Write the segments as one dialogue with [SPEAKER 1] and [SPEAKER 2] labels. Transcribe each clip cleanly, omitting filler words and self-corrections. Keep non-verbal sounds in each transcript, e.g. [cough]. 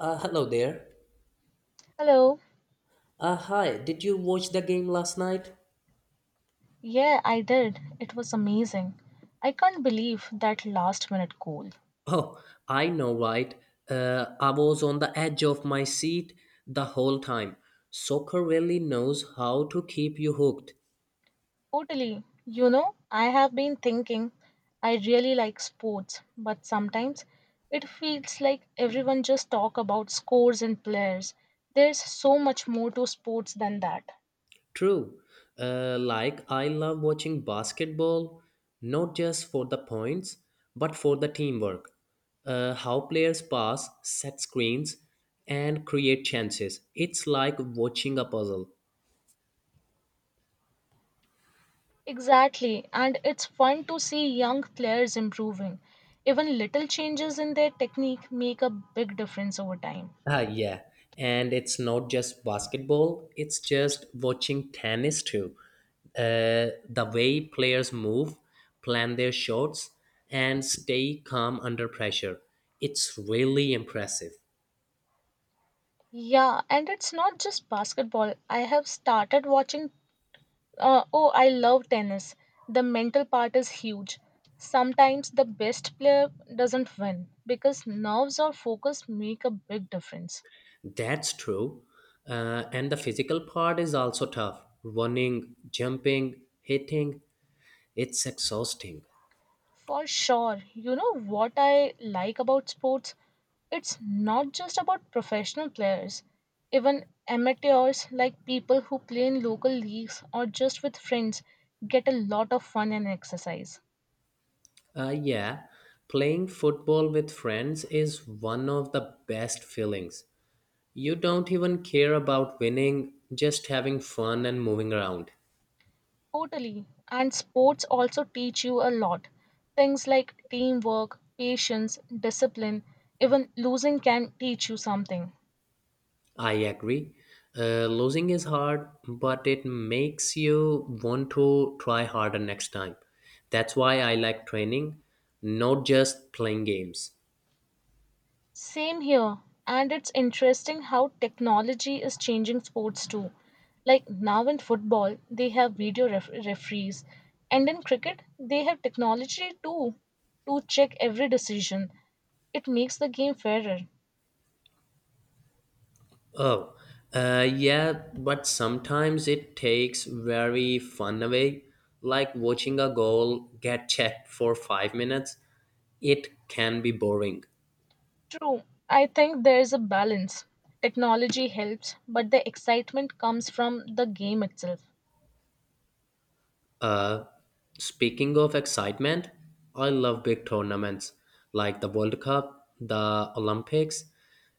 [SPEAKER 1] Hello there.
[SPEAKER 2] Hello.
[SPEAKER 1] Hi, did you watch the game last night?
[SPEAKER 2] Yeah, I did. It was amazing. I can't believe that last minute goal.
[SPEAKER 1] Oh, I know, right? I was on the edge of my seat the whole time. Soccer really knows how to keep you hooked.
[SPEAKER 2] Totally. You know, I have been thinking I really like sports, but sometimes it feels like everyone just talk about scores and players. There's so much more to sports than that.
[SPEAKER 1] True. Like, I love watching basketball, not just for the points, but for the teamwork. How players pass, set screens, and create chances. It's like watching a puzzle.
[SPEAKER 2] Exactly, and it's fun to see young players improving. Even little changes in their technique make a big difference over time.
[SPEAKER 1] Ah, yeah. And it's not just basketball, it's just watching tennis too. The way players move, plan their shots, and stay calm under pressure. It's really impressive.
[SPEAKER 2] Yeah, and it's not just basketball. I have started watching, oh, I love tennis. The mental part is huge. Sometimes the best player doesn't win because nerves or focus make a big difference.
[SPEAKER 1] That's true. And the physical part is also tough running, jumping, hitting. It's exhausting.
[SPEAKER 2] For sure, you know what I like about sports? It's not just about professional players. Even amateurs, like people who play in local leagues or just with friends, get a lot of fun and exercise.
[SPEAKER 1] Yeah, playing football with friends is one of the best feelings. You don't even care about winning, just having fun and moving around.
[SPEAKER 2] Totally. And sports also teach you a lot. Things like teamwork, patience, discipline, even losing can teach you something.
[SPEAKER 1] I agree. Losing is hard, but it makes you want to try harder next time. That's why I like training, not just playing games.
[SPEAKER 2] Same here. And it's interesting how technology is changing sports too. Like now in football, they have video referees, and in cricket, they have technology too to check every decision. It makes the game fairer.
[SPEAKER 1] Oh, yeah, but sometimes it takes very fun away, like watching a goal get checked for 5 minutes. It can be boring.
[SPEAKER 2] True. I think there's a balance. Technology helps, but the excitement comes from the game itself.
[SPEAKER 1] Uh, Speaking of excitement, I love big tournaments like the World Cup, the Olympics.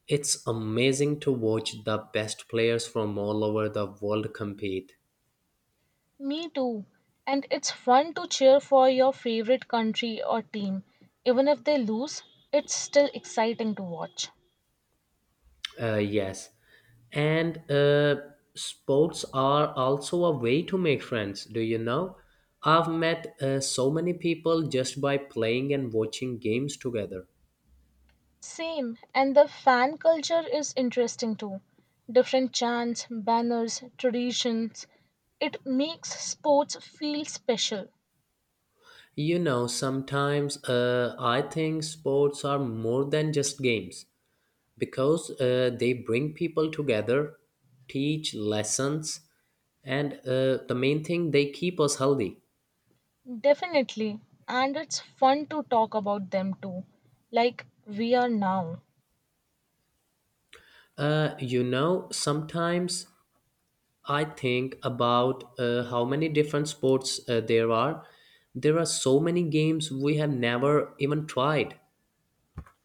[SPEAKER 1] It's amazing to watch the best players from all over the world compete.
[SPEAKER 2] Me too. And it's fun to cheer for your favorite country or team. Even if they lose, it's still exciting to watch.
[SPEAKER 1] Yes. And sports are also a way to make friends, do you know? I've met so many people just by playing and watching games together.
[SPEAKER 2] Same. And the fan culture is interesting too. Different chants, banners, traditions. It makes sports feel special.
[SPEAKER 1] Sometimes I think sports are more than just games, because they bring people together, teach lessons, and the main thing, they keep us healthy.
[SPEAKER 2] Definitely. And it's fun to talk about them too, like we are now.
[SPEAKER 1] Sometimes I think about how many different sports there are. There are so many games we have never even tried.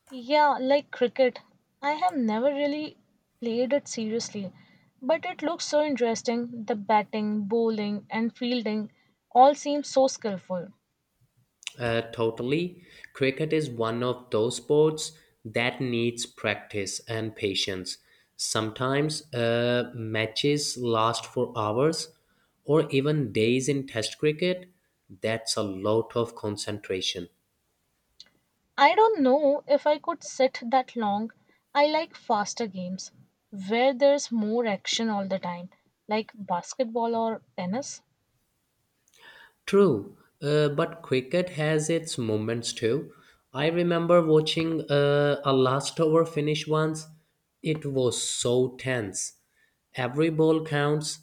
[SPEAKER 2] Yeah, like cricket. I have never really played it seriously, but it looks so interesting. The batting, bowling, and fielding all seem so skillful.
[SPEAKER 1] Totally. Cricket is one of those sports that needs practice and patience. Sometimes matches last for hours or even days in test cricket. That's a lot of concentration.
[SPEAKER 2] I don't know if I could sit that long. I like faster games where there's more action all the time, like basketball or tennis.
[SPEAKER 1] True, but cricket has its moments too. I remember watching a last over finish once. It was so tense. Every ball counts,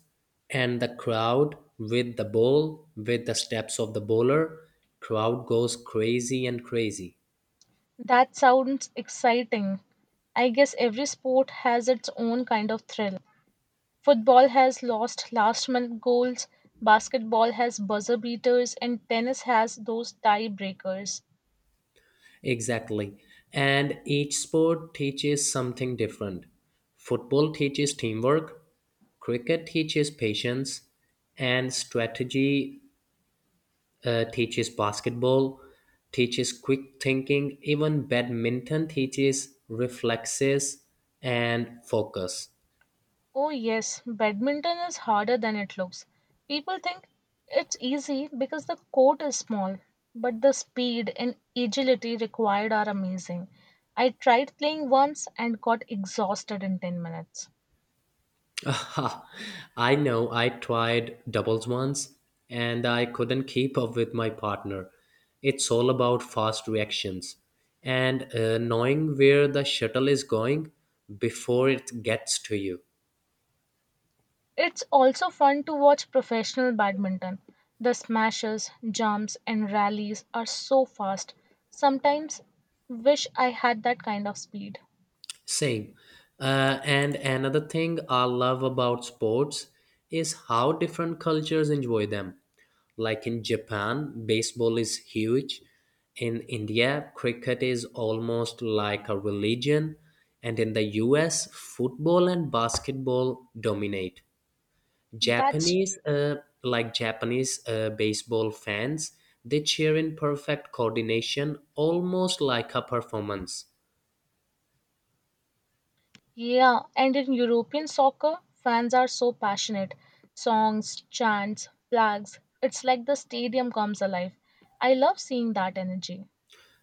[SPEAKER 1] and the crowd with the ball, with the steps of the bowler, crowd goes crazy and crazy.
[SPEAKER 2] That sounds exciting. I guess every sport has its own kind of thrill. Football has lost last minute goals, basketball has buzzer beaters, and tennis has those tie breakers.
[SPEAKER 1] Exactly. And each sport teaches something different. Football teaches teamwork, cricket teaches patience, and strategy teaches basketball, teaches quick thinking, even badminton teaches reflexes and focus.
[SPEAKER 2] Oh, yes, badminton is harder than it looks. People think it's easy because the court is small, but the speed and agility required are amazing. I tried playing once and got exhausted in 10 minutes.
[SPEAKER 1] [laughs] Aha, I know I tried doubles once and I couldn't keep up with my partner. It's all about fast reactions and knowing where the shuttle is going before it gets to you.
[SPEAKER 2] It's also fun to watch professional badminton. The smashes, jumps, and rallies are so fast. Sometimes wish I had that kind of speed.
[SPEAKER 1] Same. And another thing I love about sports is how different cultures enjoy them. Like in Japan, baseball is huge. In India, cricket is almost like a religion. And in the US, football and basketball dominate.
[SPEAKER 2] That's
[SPEAKER 1] Japanese, uh, like Japanese baseball fans, they cheer in perfect coordination, almost like a performance.
[SPEAKER 2] Yeah, and in European soccer, fans are so passionate. Songs, chants, flags. It's like the stadium comes alive. I love seeing that energy.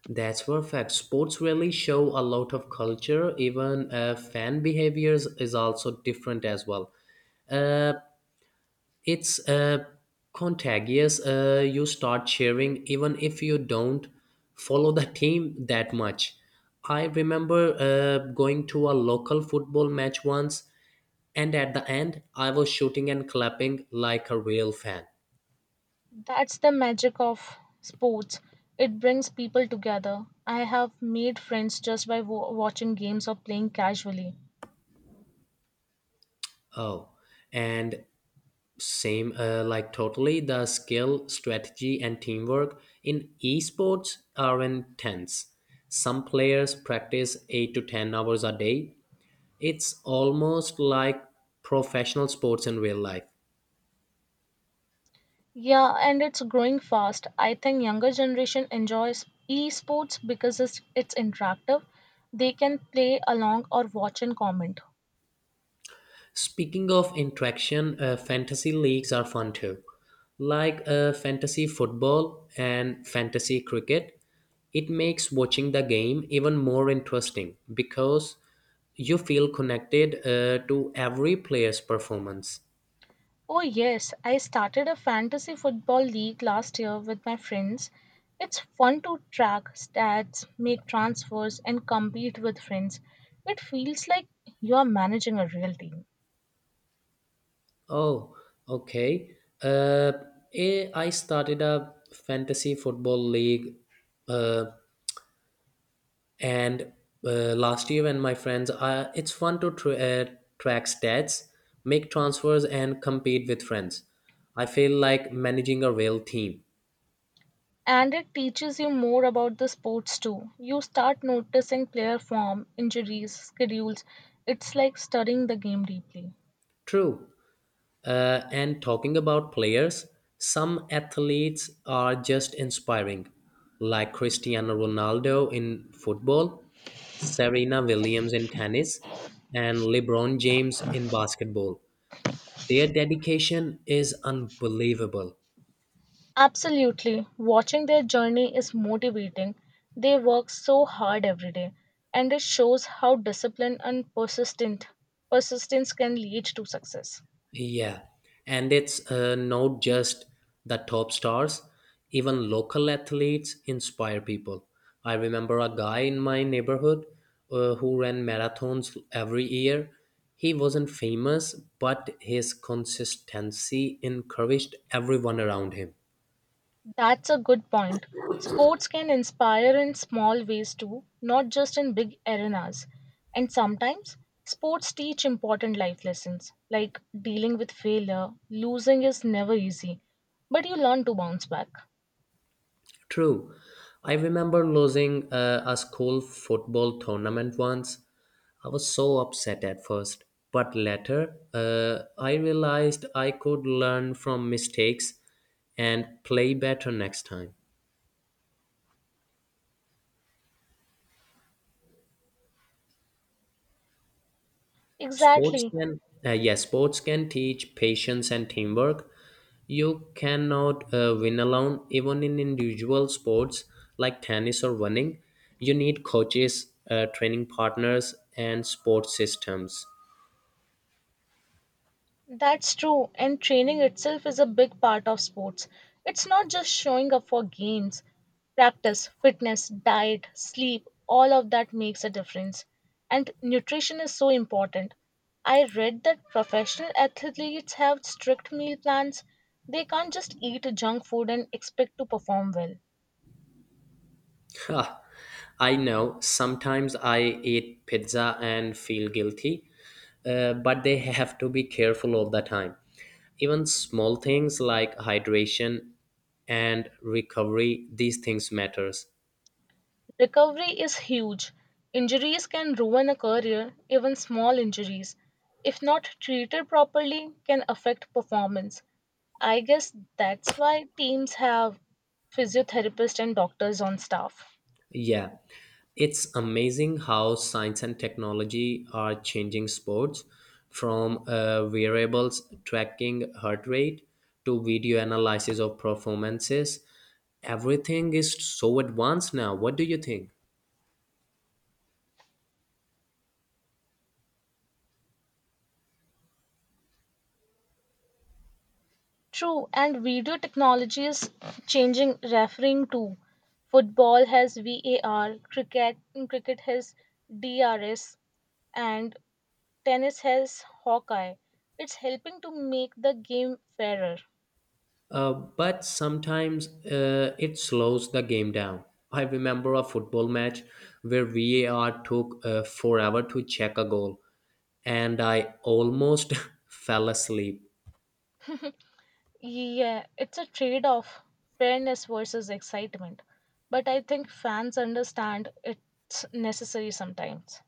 [SPEAKER 1] That's perfect. Sports really show a lot of culture, even fan behaviors is also different as well. Uh, it's contagious. You start cheering even if you don't follow the team that much. I remember going to a local football match once, and at the end, I was shooting and clapping like a real fan.
[SPEAKER 2] That's the magic of sports. It brings people together. I have made friends just by wa watching games or playing casually.
[SPEAKER 1] Oh, and same, like totally, the skill, strategy, and teamwork in esports are intense. Some players practice 8 to 10 hours a day. It's almost like professional sports in real life.
[SPEAKER 2] Yeah, and it's growing fast. I think younger generation enjoys esports because it's interactive. They can play along or watch and comment.
[SPEAKER 1] Speaking of interaction, fantasy leagues are fun too. Like fantasy football and fantasy cricket, it makes watching the game even more interesting because you feel connected to every player's performance.
[SPEAKER 2] Oh yes, I started a fantasy football league last year with my friends. It's fun to track stats, make transfers and compete with friends. It feels like you are managing a real team.
[SPEAKER 1] Oh, okay. I started a fantasy football league uh, And last year, when my friends, it's fun to track stats, make transfers, and compete with friends. I feel like managing a real team.
[SPEAKER 2] And it teaches you more about the sports too. You start noticing player form, injuries, schedules. It's like studying the game deeply.
[SPEAKER 1] True. And talking about players, some athletes are just inspiring, like Cristiano Ronaldo in football, Serena Williams in tennis, and LeBron James in basketball. Their dedication is unbelievable.
[SPEAKER 2] Absolutely. Watching their journey is motivating. They work so hard every day, and it shows how discipline and persistent persistence can lead to success.
[SPEAKER 1] Yeah, and it's not just the top stars, even local athletes inspire people. I remember a guy in my neighborhood who ran marathons every year. He wasn't famous, but his consistency encouraged everyone around him.
[SPEAKER 2] That's a good point. Sports can inspire in small ways too, not just in big arenas. And sometimes sports teach important life lessons, like dealing with failure. Losing is never easy, but you learn to bounce back.
[SPEAKER 1] True. I remember losing a school football tournament once. I was so upset at first, but later I realized I could learn from mistakes and play better next time. Sports
[SPEAKER 2] Exactly.
[SPEAKER 1] can, yeah, sports can teach patience and teamwork. You cannot win alone, even in individual sports like tennis or running. You need coaches, training partners, and sports systems.
[SPEAKER 2] That's true, and training itself is a big part of sports. It's not just showing up for games. Practice, fitness, diet, sleep, all of that makes a difference. And nutrition is so important. I read that professional athletes have strict meal plans. They can't just eat junk food and expect to perform well.
[SPEAKER 1] Huh, I know sometimes I eat pizza and feel guilty, but they have to be careful all the time. Even small things like hydration and recovery, these things matters.
[SPEAKER 2] Recovery is huge. Injuries can ruin a career, even small injuries. If not treated properly, can affect performance. I guess that's why teams have physiotherapists and doctors on staff.
[SPEAKER 1] Yeah, it's amazing how science and technology are changing sports from variables tracking heart rate to video analysis of performances. Everything is so advanced now. What do you think?
[SPEAKER 2] True, and video technology is changing refereeing too. Football has VAR, cricket has DRS, and tennis has Hawkeye. It's helping to make the game fairer.
[SPEAKER 1] But sometimes it slows the game down. I remember a football match where VAR took forever to check a goal, and I almost [laughs] fell asleep.
[SPEAKER 2] Yeah, it's a trade-off, fairness versus excitement. But I think fans understand it's necessary sometimes.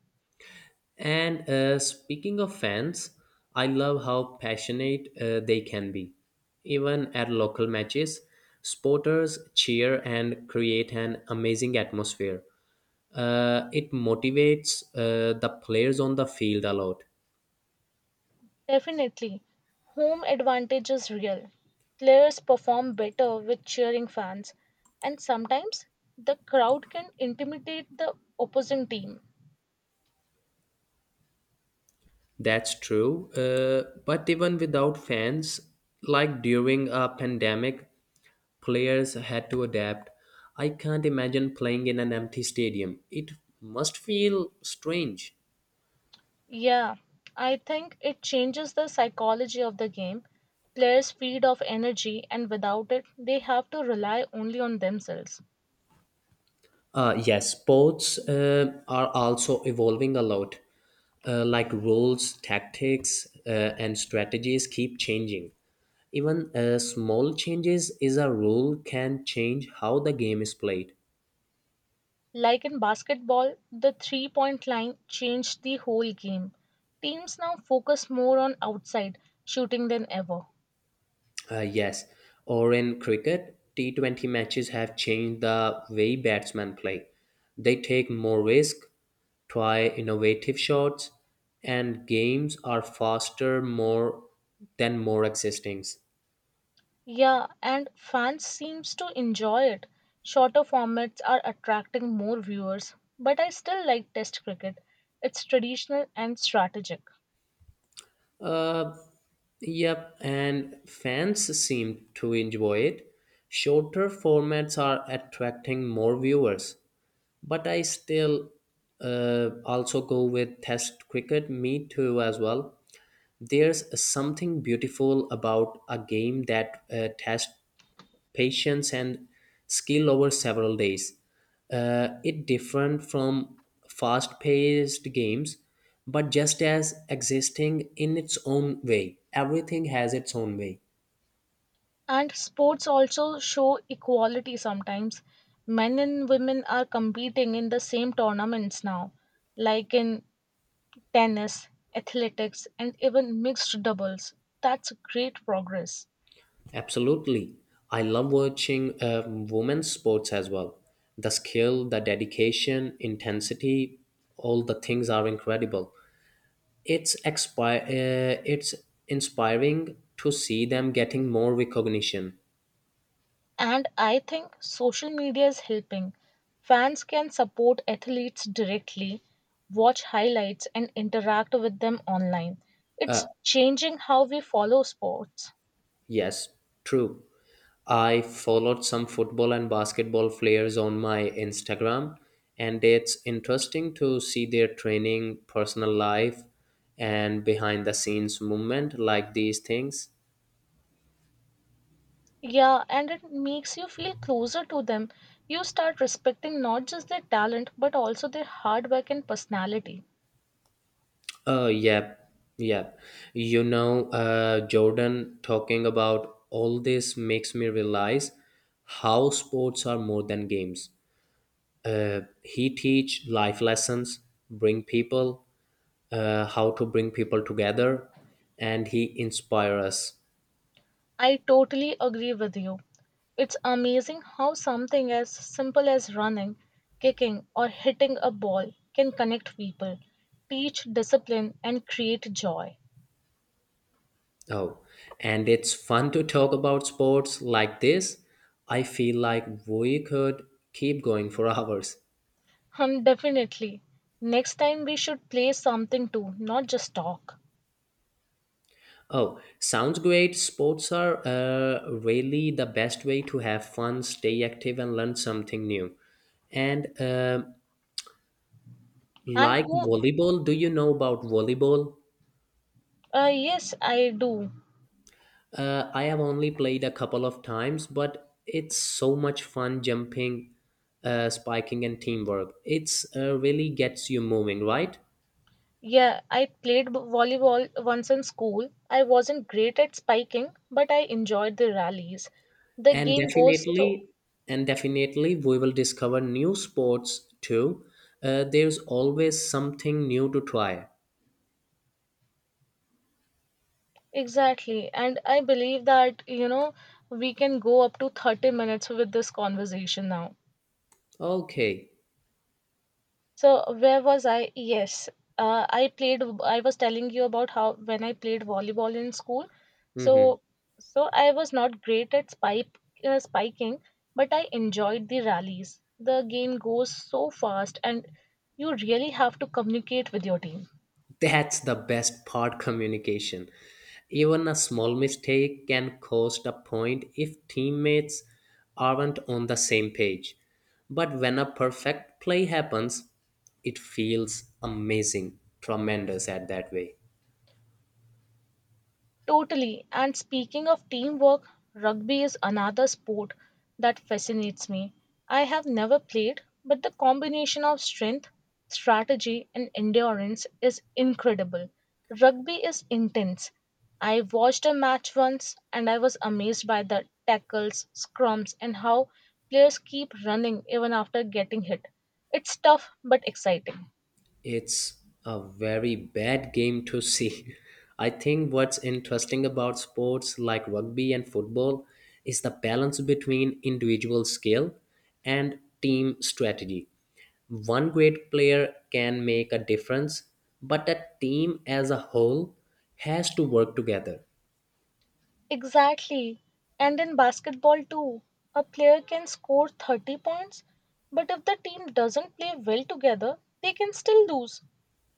[SPEAKER 1] And speaking of fans, I love how passionate they can be. Even at local matches, supporters cheer and create an amazing atmosphere. It motivates the players on the field a lot.
[SPEAKER 2] Definitely. Home advantage is real. Players perform better with cheering fans, and sometimes the crowd can intimidate the opposing team.
[SPEAKER 1] That's true. But even without fans, like during a pandemic, players had to adapt. I can't imagine playing in an empty stadium. It must feel strange.
[SPEAKER 2] Yeah, I think it changes the psychology of the game. Players feed off energy, and without it, they have to rely only on themselves.
[SPEAKER 1] Yes, sports are also evolving a lot. Like rules, tactics, and strategies keep changing. Even small changes is a rule can change how the game is played.
[SPEAKER 2] Like in basketball, the 3-point line changed the whole game. Teams now focus more on outside shooting than ever.
[SPEAKER 1] Yes, or in cricket, T20 matches have changed the way batsmen play. They take more risk, try innovative shots, and games are faster more than more existings.
[SPEAKER 2] Yeah, and fans seems to enjoy it. Shorter formats are attracting more viewers, but I still like test cricket. It's traditional and strategic.
[SPEAKER 1] Uh, yep, and fans seem to enjoy it. Shorter formats are attracting more viewers, but I still also go with Test cricket, me too, as well. There's something beautiful about a game that tests patience and skill over several days. It different from fast-paced games, but just as existing in its own way. Everything has its own way.
[SPEAKER 2] And sports also show equality sometimes. Men and women are competing in the same tournaments now, like in tennis, athletics, and even mixed doubles. That's great progress.
[SPEAKER 1] Absolutely, I love watching women's sports as well. The skill, the dedication, intensity, all the things are incredible. It's inspiring to see them getting more recognition.
[SPEAKER 2] And I think social media is helping. Fans can support athletes directly, watch highlights, and interact with them online.
[SPEAKER 1] Uh,
[SPEAKER 2] It's changing how we follow sports.
[SPEAKER 1] yes, true. I followed some football and basketball players on my Instagram, and it's interesting to see their training, personal life, and behind the scenes movement like these things.
[SPEAKER 2] Yeah, and it makes you feel closer to them. You start respecting not just their talent, but also their hard work and personality.
[SPEAKER 1] Yep, yep. Jordan, talking about all this makes me realize how sports are more than games. He teach life lessons, bring people, how to bring people together, and he inspire us.
[SPEAKER 2] I totally agree with you. It's amazing how something as simple as running, kicking, or hitting a ball can connect people, teach discipline, and create joy.
[SPEAKER 1] Oh, and it's fun to talk about sports like this. I feel like we could keep going for [laughs] hours.
[SPEAKER 2] Definitely. Next time we should play something too, not just talk.
[SPEAKER 1] Oh, sounds great. Sports are really the best way to have fun, stay active, and learn something new. And
[SPEAKER 2] And
[SPEAKER 1] like
[SPEAKER 2] who?
[SPEAKER 1] volleyball, do you know about volleyball?
[SPEAKER 2] Yes, I do.
[SPEAKER 1] I have only played a couple of times, but it's so much fun jumping, spiking, and teamwork. It's really gets you moving, right?
[SPEAKER 2] Yeah, I played volleyball once in school. I wasn't great at spiking, but I enjoyed the rallies. The
[SPEAKER 1] And
[SPEAKER 2] game goes so
[SPEAKER 1] definitely, and definitely, we will discover new sports too. There's always something new to try.
[SPEAKER 2] exactly. And I believe that, you know, we can go up to 30 minutes with this conversation now.
[SPEAKER 1] Okay.
[SPEAKER 2] So, where was I? Yes. I played, I was telling you about how when I played volleyball in school.
[SPEAKER 1] Hmm.
[SPEAKER 2] So, so I was not great at spiking, but I enjoyed the rallies. The game goes so fast, and you really have to communicate with your team.
[SPEAKER 1] That's the best part communication. Even a small mistake can cost a point if teammates aren't on the same page. But when a perfect play happens, it feels amazing, tremendous at that way.
[SPEAKER 2] Totally. And speaking of teamwork, rugby is another sport that fascinates me. I have never played, but the combination of strength, strategy, and endurance is incredible. Rugby is intense. I watched a match once and I was amazed by the tackles, scrums, and how players keep running even after getting hit. It's tough but exciting.
[SPEAKER 1] It's a very bad game to see. [laughs] I think what's interesting about sports like rugby and football is the balance between individual skill and team strategy. One great player can make a difference, but a team as a whole has to work together.
[SPEAKER 2] Exactly. And in basketball, too, a player can score 30 points, but if the team doesn't play well together, they can still lose.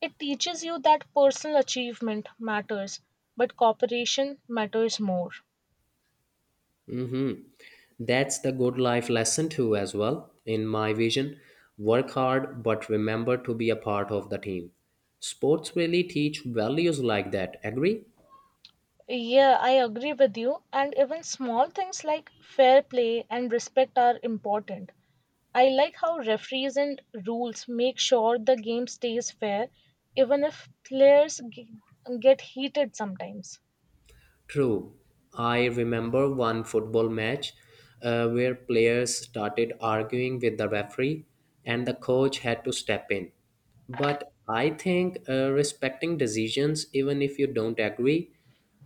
[SPEAKER 2] It teaches you that personal achievement matters, but cooperation matters more.
[SPEAKER 1] Mm-hmm. That's the good life lesson too, as well. In my vision, work hard but remember to be a part of the team. Sports really teach values like that. Agree?
[SPEAKER 2] Yeah, I agree with you. And even small things like fair play and respect are important. I like how referees and rules make sure the game stays fair, even if players get heated sometimes.
[SPEAKER 1] True. I remember one football match where players started arguing with the referee, and the coach had to step in. But I think respecting decisions, even if you don't agree,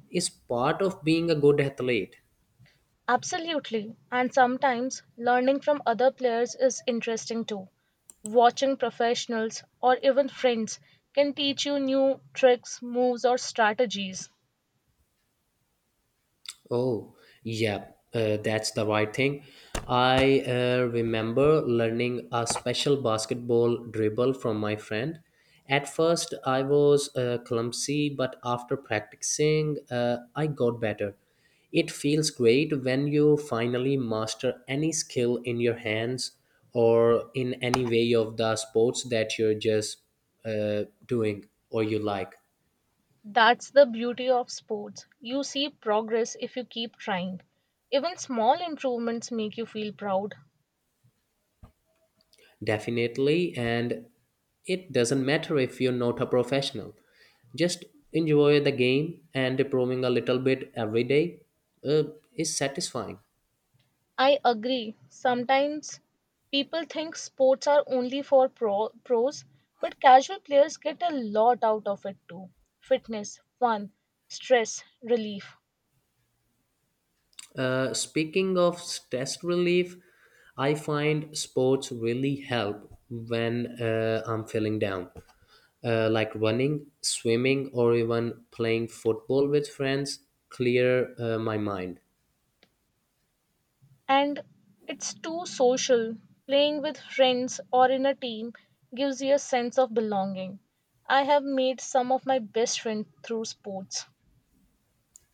[SPEAKER 1] is part of being a good athlete.
[SPEAKER 2] Absolutely. And sometimes learning from other players is interesting too. Watching professionals or even friends can teach you new tricks, moves, or strategies.
[SPEAKER 1] Oh, yeah, that's the right thing. I remember learning a special basketball dribble from my friend. At first, I was clumsy, but after practicing, I got better. It feels great when you finally master any skill in your hands or in any way of the sports that you're just doing or you like.
[SPEAKER 2] That's the beauty of sports. You see progress if you keep trying. Even small improvements make you feel proud.
[SPEAKER 1] Definitely, and it doesn't matter if you're not a professional. Just enjoy the game and improving a little bit every day uh, is satisfying.
[SPEAKER 2] I agree. Sometimes people think sports are only for pros, but casual players get a lot out of it too fitness, fun, stress, relief.
[SPEAKER 1] Speaking of stress relief, I find sports really help when I'm feeling down. Like running, swimming, or even playing football with friends clear my mind.
[SPEAKER 2] And it's too social. Playing with friends or in a team gives you a sense of belonging. I have made some of my best friends through sports.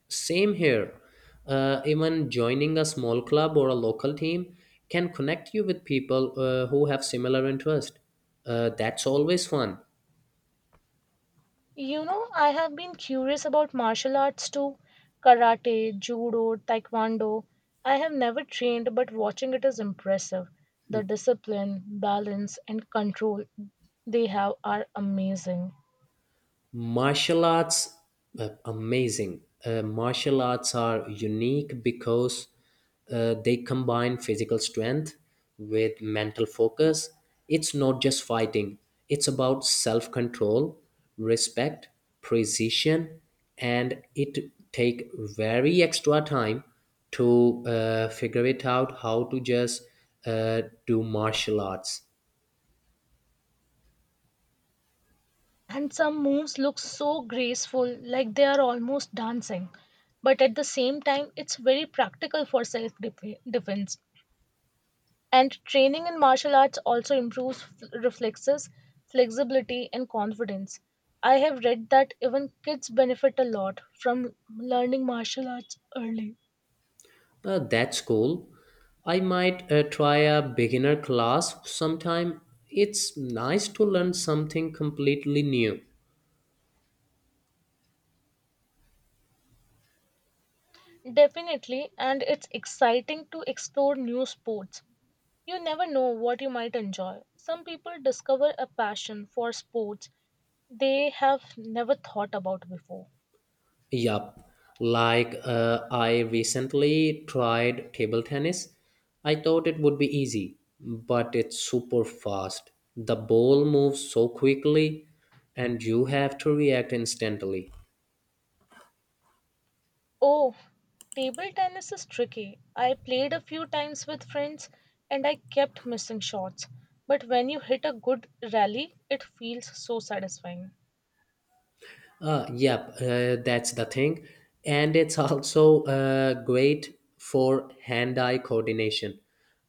[SPEAKER 1] Same here. Even joining a small club or a local team can connect you with people who have similar interest. That's always fun.
[SPEAKER 2] You know, I have been curious about martial arts too karate, judo, taekwondo. I have never trained, but watching it is impressive. The discipline, balance, and control they have are amazing.
[SPEAKER 1] Martial arts, amazing. Martial arts are unique because they combine physical strength with mental focus. It's not just fighting, it's about self control, respect, precision, and it take very extra time to figure it out how to just uh, do martial arts.
[SPEAKER 2] And some moves look so graceful, like they are almost dancing. But at the same time, it's very practical for self defense. And training in martial arts also improves reflexes, flexibility, and confidence. I have read that even kids benefit a lot from learning martial arts early.
[SPEAKER 1] That's cool. I might try a beginner class sometime. It's nice to learn something completely new.
[SPEAKER 2] Definitely, and it's exciting to explore new sports. You never know what you might enjoy. Some people discover a passion for sports they have never thought about before.
[SPEAKER 1] Yup. Like I recently tried table tennis. I thought it would be easy, but it's super fast. The ball moves so quickly, and you have to react instantly.
[SPEAKER 2] Oh, table tennis is tricky. I played a few times with friends and I kept missing shots. But when you hit a good rally, it feels so satisfying.
[SPEAKER 1] Yep, that's the thing. And it's also great for hand eye coordination.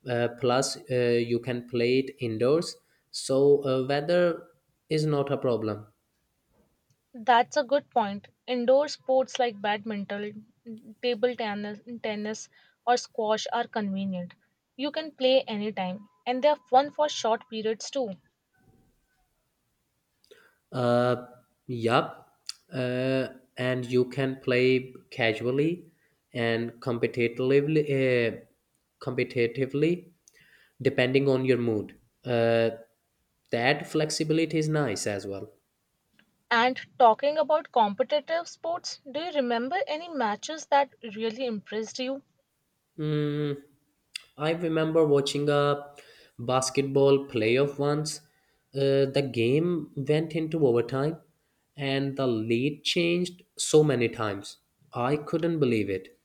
[SPEAKER 1] Plus, you can play it indoors, so weather is not a problem.
[SPEAKER 2] That's a good point. Indoor sports like badminton, table tennis, tennis or squash are convenient. You can play anytime and they're fun for short periods too.
[SPEAKER 1] Uh, yep, uh, and you can play casually and competitively depending on your mood. Uh, that flexibility is nice as well.
[SPEAKER 2] And talking about competitive sports, do you remember any matches that really impressed you?
[SPEAKER 1] Mm, I remember watching a basketball playoff once. The game went into overtime and the lead changed so many times. I couldn't believe it.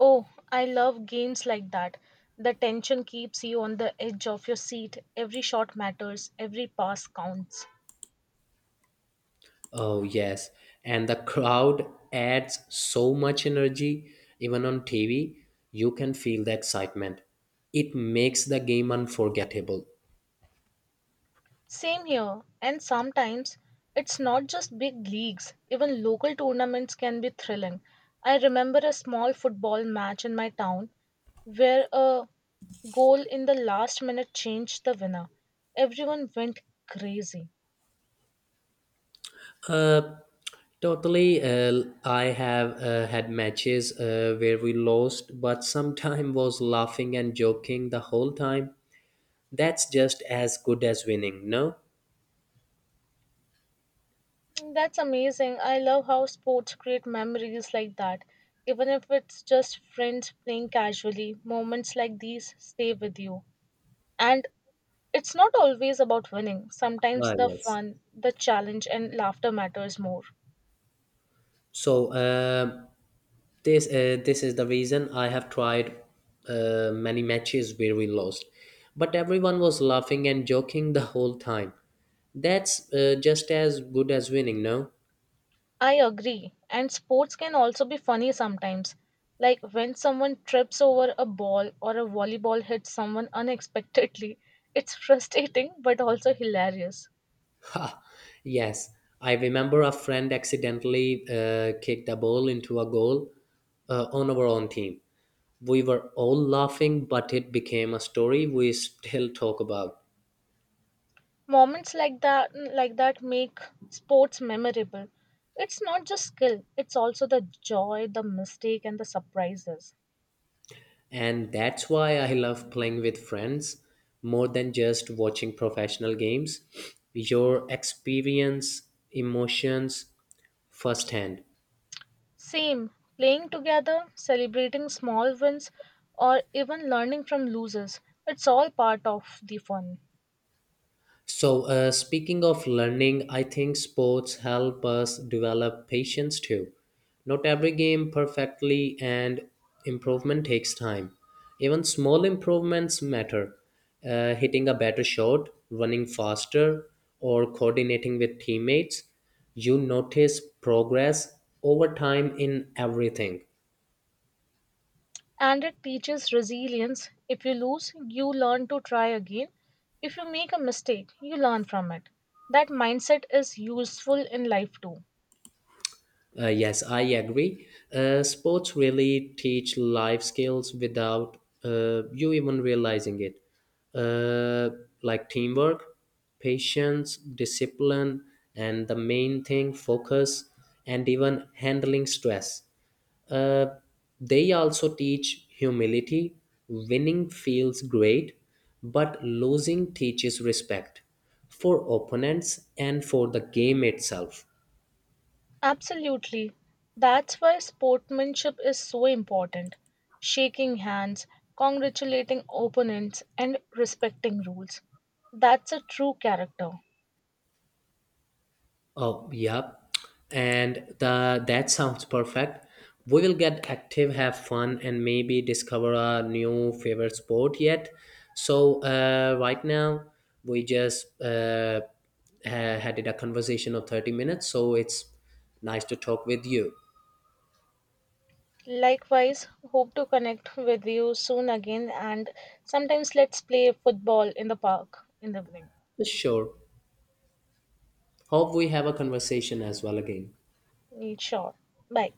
[SPEAKER 2] Oh, I love games like that. The tension keeps you on the edge of your seat. Every shot matters, every pass counts.
[SPEAKER 1] Oh, yes. And the crowd adds so much energy. Even on TV, you can feel the excitement. It makes the game unforgettable.
[SPEAKER 2] Same here, and sometimes it's not just big leagues, even local tournaments can be thrilling. I remember a small football match in my town where a goal in the last minute changed the winner. Everyone went crazy.
[SPEAKER 1] Totally, I have had matches where we lost, but sometime was laughing and joking the whole time. That's just as good as winning, no?
[SPEAKER 2] Mm, that's amazing. I love how sports create memories like that. Even if it's just friends playing casually, moments like these stay with you. And it's not always about winning. Sometimes
[SPEAKER 1] Ah,
[SPEAKER 2] the
[SPEAKER 1] yes.
[SPEAKER 2] fun, the challenge, and laughter matters more.
[SPEAKER 1] So um this is the reason I have tried many matches where we lost, but everyone was laughing and joking the whole time. That's just as good as winning, no?
[SPEAKER 2] I agree. And sports can also be funny sometimes. Like when someone trips over a ball or a volleyball hits someone unexpectedly, it's [laughs] frustrating but also hilarious.
[SPEAKER 1] Yes, I remember a friend accidentally kicked a ball into a goal on our own team. We were all laughing, but it became a story we still talk about.
[SPEAKER 2] Moments like that make sports memorable. It's not just skill, it's also the joy, the mistake and the surprises.
[SPEAKER 1] And that's why I love playing with friends more than just watching professional games. Your experience, emotions firsthand.
[SPEAKER 2] Same, playing together, celebrating small wins or even learning from losers. It's all part of the fun.
[SPEAKER 1] So, speaking of learning, I think sports help us develop patience too. Not every game perfectly, and improvement takes time. Even small improvements matter. Hitting a better shot, running faster, or coordinating with teammates, you notice progress over time in everything.
[SPEAKER 2] And it teaches resilience. If you lose, you learn to try again. If you make a mistake, you learn from it. That mindset is useful in life too.
[SPEAKER 1] Yes, I agree. Sports really teach life skills without you even realizing it, uh, like teamwork, patience, discipline, and the main thing, focus, and even handling stress. Uh, they also teach humility. Winning feels great, but losing teaches respect for opponents and for the game itself.
[SPEAKER 2] Absolutely. That's why sportsmanship is so important. Shaking hands, congratulating opponents, and respecting rules. That's a true character.
[SPEAKER 1] Oh, yep. And the that sounds perfect. We will get active, have fun, and maybe discover a new favorite sport yet. So right now we just had it a conversation of 30 minutes. So it's nice to talk with you.
[SPEAKER 2] Likewise, hope to connect with you soon again and sometimes let's play football in the park in the evening.
[SPEAKER 1] Sure. Hope we have a conversation as well again.
[SPEAKER 2] Sure. Bye.